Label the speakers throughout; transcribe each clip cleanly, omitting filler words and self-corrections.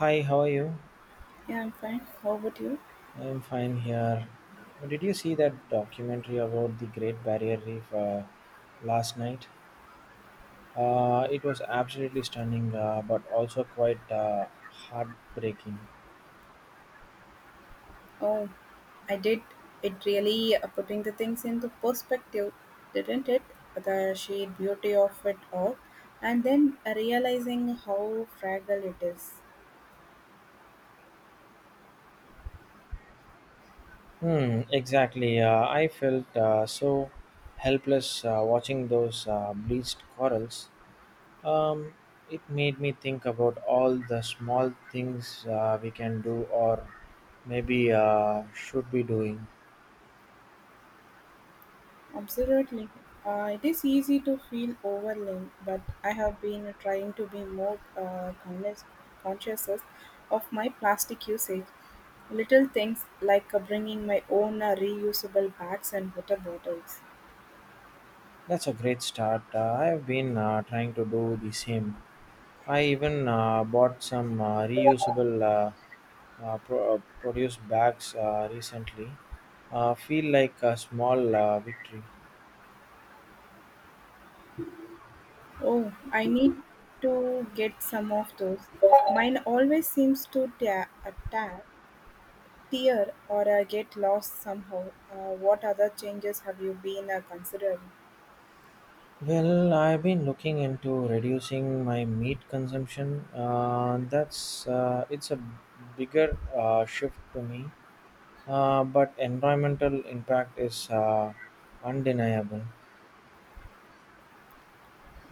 Speaker 1: Hi, how are you?
Speaker 2: Yeah, I'm fine. How about you?
Speaker 1: I'm fine here. Did you see that documentary about the Great Barrier Reef last night? It was absolutely stunning, but also quite heartbreaking.
Speaker 2: Oh, I did. It really putting the things into perspective, didn't it? The sheer beauty of it all, and then realizing how fragile it is.
Speaker 1: Hmm, exactly. I felt so helpless watching those bleached corals. Um, it made me think about all the small things we can do, or maybe should be doing.
Speaker 2: Absolutely. It is easy to feel overwhelmed, but I have been trying to be more uh, conscious of my plastic usage. Little things like bringing my own reusable bags and water bottles.
Speaker 1: That's a great start. I've been trying to do the same. I even bought some reusable produce bags recently. Feel like a small victory.
Speaker 2: Oh, I need to get some of those. Mine always seems to tear or get lost somehow. What other changes have you been considering?
Speaker 1: Well, I've been looking into reducing my meat consumption. That's it's a bigger shift to me, but environmental impact is undeniable.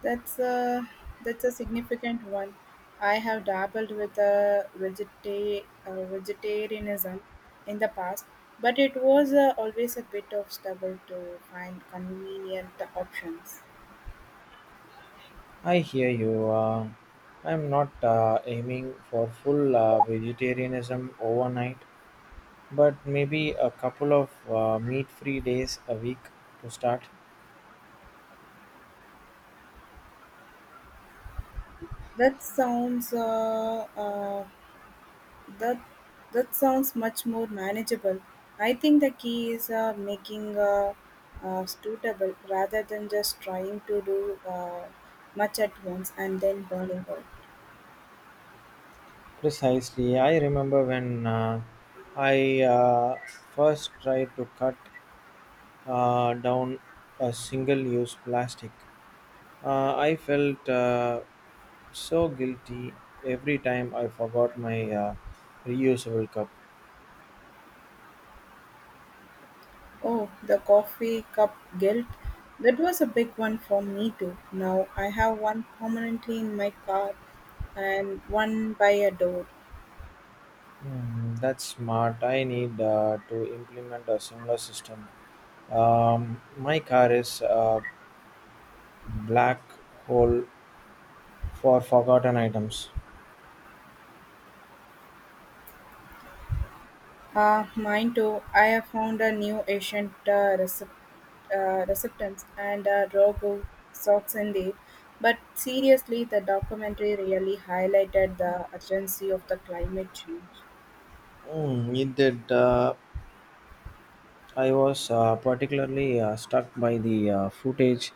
Speaker 2: That's a that's a significant one. I have dabbled with uh, vegetarianism in the past, but it was always a bit of struggle to find convenient options.
Speaker 1: I hear you. I'm not aiming for full vegetarianism overnight, but maybe a couple of meat free days a week to start.
Speaker 2: That sounds uh, uh, That that sounds much more manageable. I think the key is making suitable rather than just trying to do much at once and then burning out.
Speaker 1: Precisely, I remember when I first tried to cut down a single use plastic. I felt so guilty every time I forgot my reusable cup.
Speaker 2: Oh, the coffee cup guilt. That was a big one for me too. Now I have one permanently in my car and one by a door.
Speaker 1: Hmm, that's smart. I need to implement a similar system. My car is a black hole for forgotten items.
Speaker 2: Ah, mine too. I have found a new ancient uh, receptance and Rogo socks indeed. But seriously, the documentary really highlighted the urgency of the climate change.
Speaker 1: Hmm, it did. I was particularly struck by the footage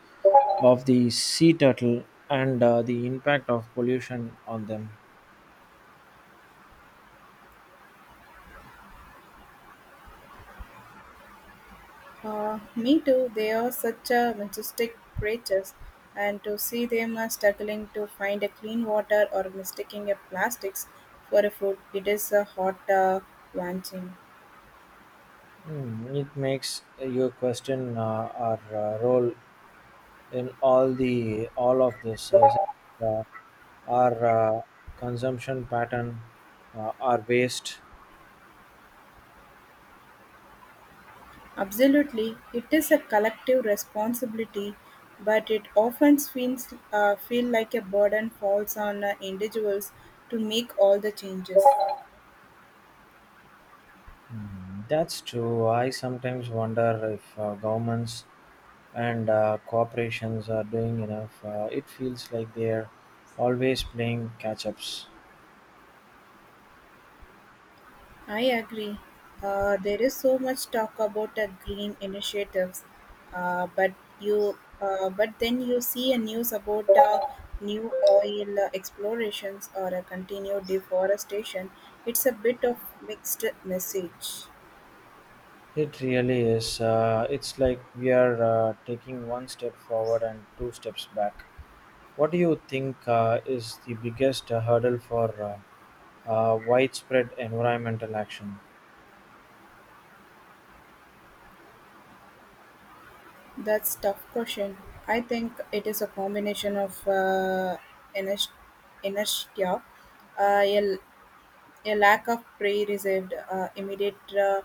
Speaker 1: of the sea turtle and the impact of pollution on them.
Speaker 2: Me too. They are such a majestic creatures, and to see them struggling to find a clean water or mistaking a plastics for a food, it is a hot wanting.
Speaker 1: Hmm, it makes you question our role in all of this. Is it, uh, our consumption pattern, our waste?
Speaker 2: Absolutely, it is a collective responsibility, but it often feels feel like a burden falls on individuals to make all the changes.
Speaker 1: Mhm. That's true. I sometimes wonder if governments and corporations are doing enough. It feels like they're always playing catch ups.
Speaker 2: I agree. There is so much talk about green initiatives, uh, but but then you see a news about new oil explorations or a continued deforestation. It's a bit of mixed message.
Speaker 1: It really is. It's like we are taking one step forward and two steps back. What do you think is the biggest hurdle for widespread environmental action?
Speaker 2: That's tough question. I think it is a combination of inest- inertia, uh, a, a lack of pre-reserved uh, immediate uh,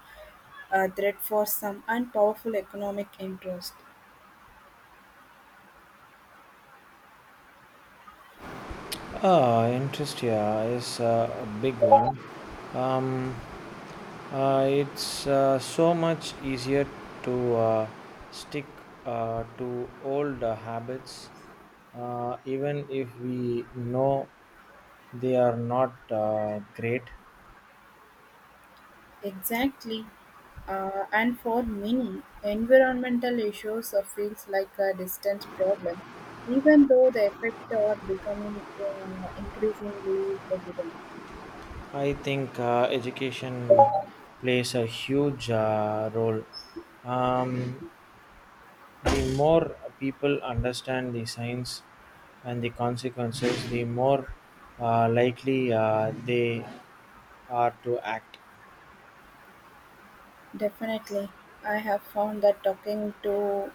Speaker 2: uh, threat for some, and powerful economic interest.
Speaker 1: Ah, interest, yeah, is a big one. Um, it's so much easier to stick to old habits, even if we know they are not great.
Speaker 2: Exactly. And for many, environmental issues feels like a distant problem, even though the effects are becoming increasingly evident.
Speaker 1: I think education plays a huge role. Um, The more people understand the science and the consequences, the more likely they are to act.
Speaker 2: Definitely. I have found that talking to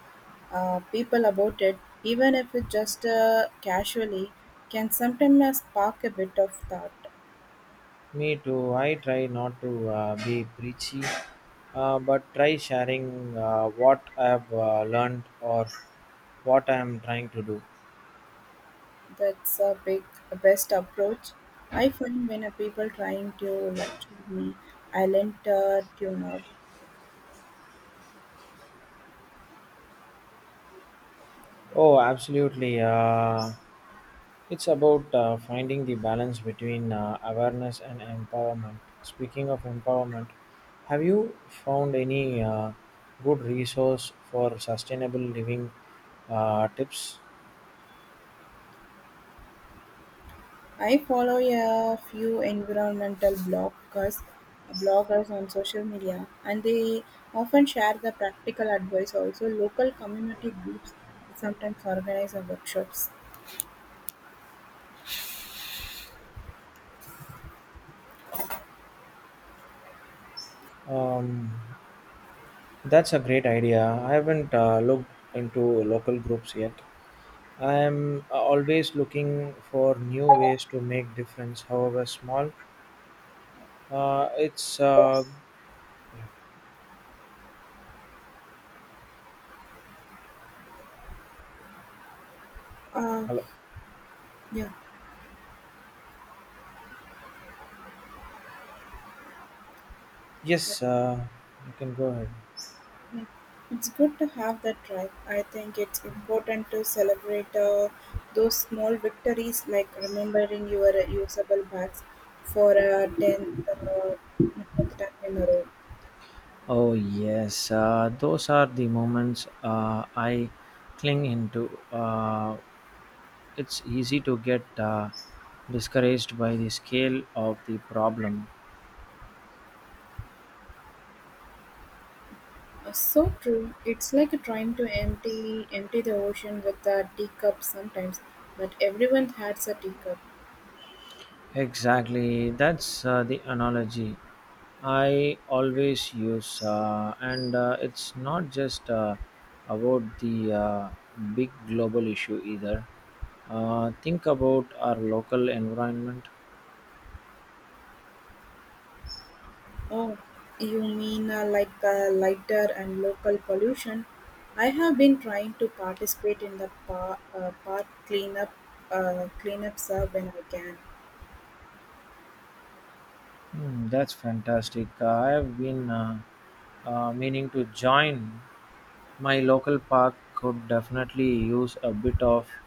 Speaker 2: people about it, even if it just casually, can sometimes spark a bit of thought.
Speaker 1: Me too. I try not to be preachy, but try sharing what I've learned or what I'm trying to do.
Speaker 2: That's a big best approach. I find when a people trying to lecture me, I learn to tune out.
Speaker 1: Oh, absolutely. It's about finding the balance between awareness and empowerment. Speaking of empowerment, have you found any good resource for sustainable living tips?
Speaker 2: I follow a few environmental bloggers on social media, and they often share the practical advice. Also, local community groups sometimes organize our workshops.
Speaker 1: Um, that's a great idea. I haven't looked into local groups yet. I am always looking for new ways to make difference, however small. It's yeah,
Speaker 2: Uh,
Speaker 1: hello.
Speaker 2: yeah,
Speaker 1: Yes, you can go ahead.
Speaker 2: yeah. It's good to have that drive. I think it's important to celebrate those small victories, like remembering your usable bags for a tenth time in a row.
Speaker 1: Oh yes, those are the moments I cling into. It's easy to get discouraged by the scale of the problem.
Speaker 2: So true. It's like trying to empty the ocean with a teacup sometimes, but everyone has a teacup.
Speaker 1: Exactly, that's the analogy I always use, and it's not just about the big global issue either. Think about our local environment.
Speaker 2: Oh, you mean like the lighter and local pollution? I have been trying to participate in the park cleanups when I can.
Speaker 1: Mm, that's fantastic. I have been meaning to join. My local park could definitely use a bit of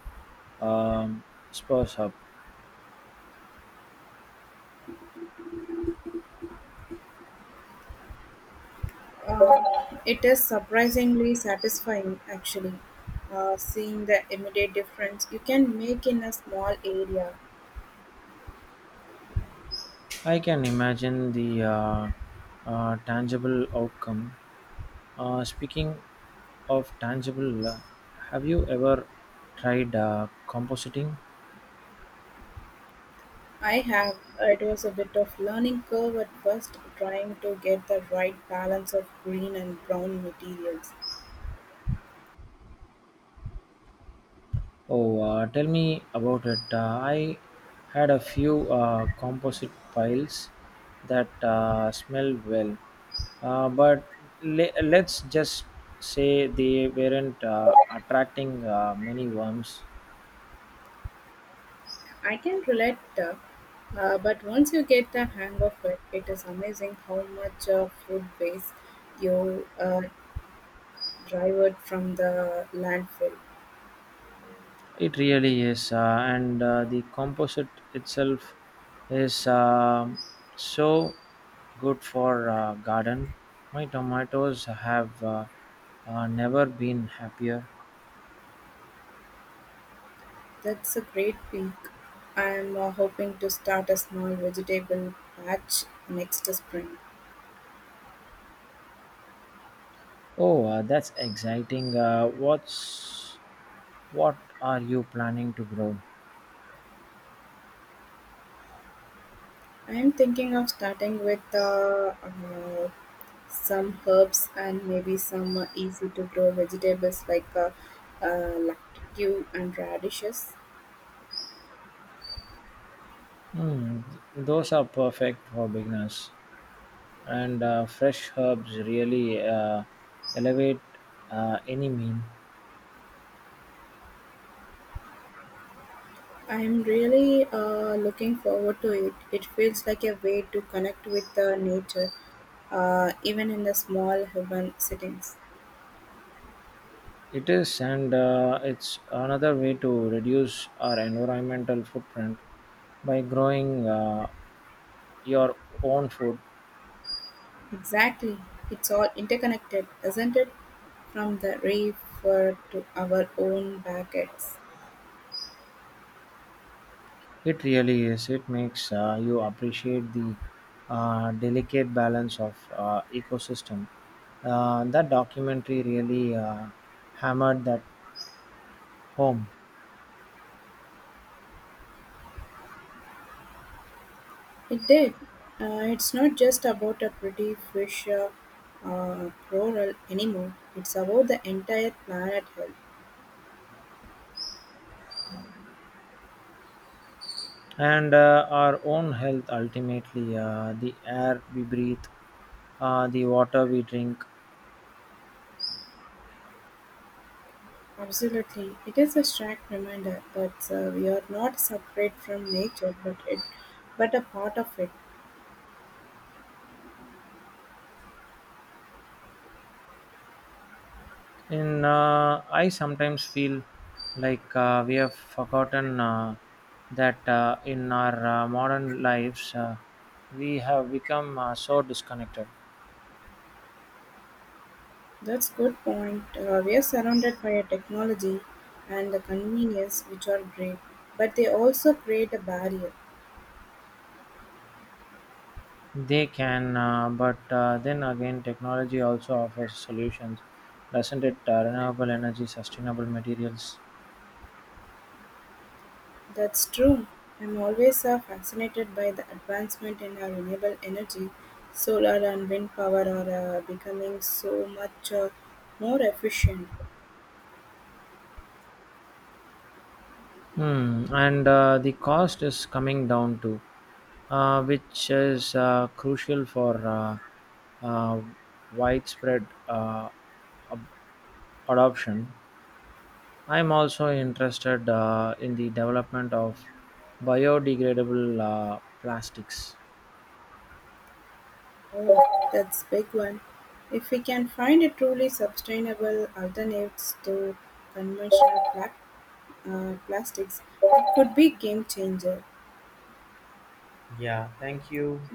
Speaker 1: um, spurs up.
Speaker 2: Uh, it is surprisingly satisfying, actually, seeing the immediate difference you can make in a small area.
Speaker 1: I can imagine the tangible outcome. Speaking of tangible, have you ever tried compositing?
Speaker 2: I have. It was a bit of learning curve at first, trying to get the right balance of green and brown materials.
Speaker 1: Oh, tell me about it. I had a few composite piles that smelled well, but let's just say they weren't attracting many worms.
Speaker 2: I can relate, but once you get the hang of it, it is amazing how much food waste you drive from the landfill.
Speaker 1: It really is, and the composite itself is so good for garden. My tomatoes have never been happier.
Speaker 2: That's a great peak. I'm hoping to start a small vegetable patch next spring.
Speaker 1: Oh, that's exciting. What are you planning to grow?
Speaker 2: I'm thinking of starting with some herbs and maybe some easy to grow vegetables like lacticue and radishes.
Speaker 1: Hmm, those are perfect for beginners, and fresh herbs really elevate any meal.
Speaker 2: I'm really looking forward to it. It feels like a way to connect with the nature, even in the small urban settings.
Speaker 1: It is, and it's another way to reduce our environmental footprint by growing your own food.
Speaker 2: Exactly. It's all interconnected, isn't it? From the river to our own backyards.
Speaker 1: It really is. It makes you appreciate the delicate balance of ecosystem. That documentary really hammered that home.
Speaker 2: It did. It's not just about a pretty fish plural anymore. It's about the entire planet health.
Speaker 1: And our own health ultimately, the air we breathe, the water we drink.
Speaker 2: Absolutely. It is a stark reminder that we are not separate from nature, but it, but a part of it.
Speaker 1: In I sometimes feel like we have forgotten that in our modern lives we have become so disconnected.
Speaker 2: That's good point. We are surrounded by a technology and the convenience which are great, but they also create a barrier.
Speaker 1: They can, but then again, technology also offers solutions, doesn't it? Renewable energy, sustainable materials.
Speaker 2: That's true. I'm always fascinated by the advancement in renewable energy. Solar and wind power are becoming so much more efficient.
Speaker 1: Hmm. And the cost is coming down too, which is crucial for uh, widespread ab- adoption. I am also interested in the development of biodegradable plastics.
Speaker 2: Oh, that's big one. If we can find a truly sustainable alternatives to conventional plastics, it could be game changer.
Speaker 1: Yeah, thank you.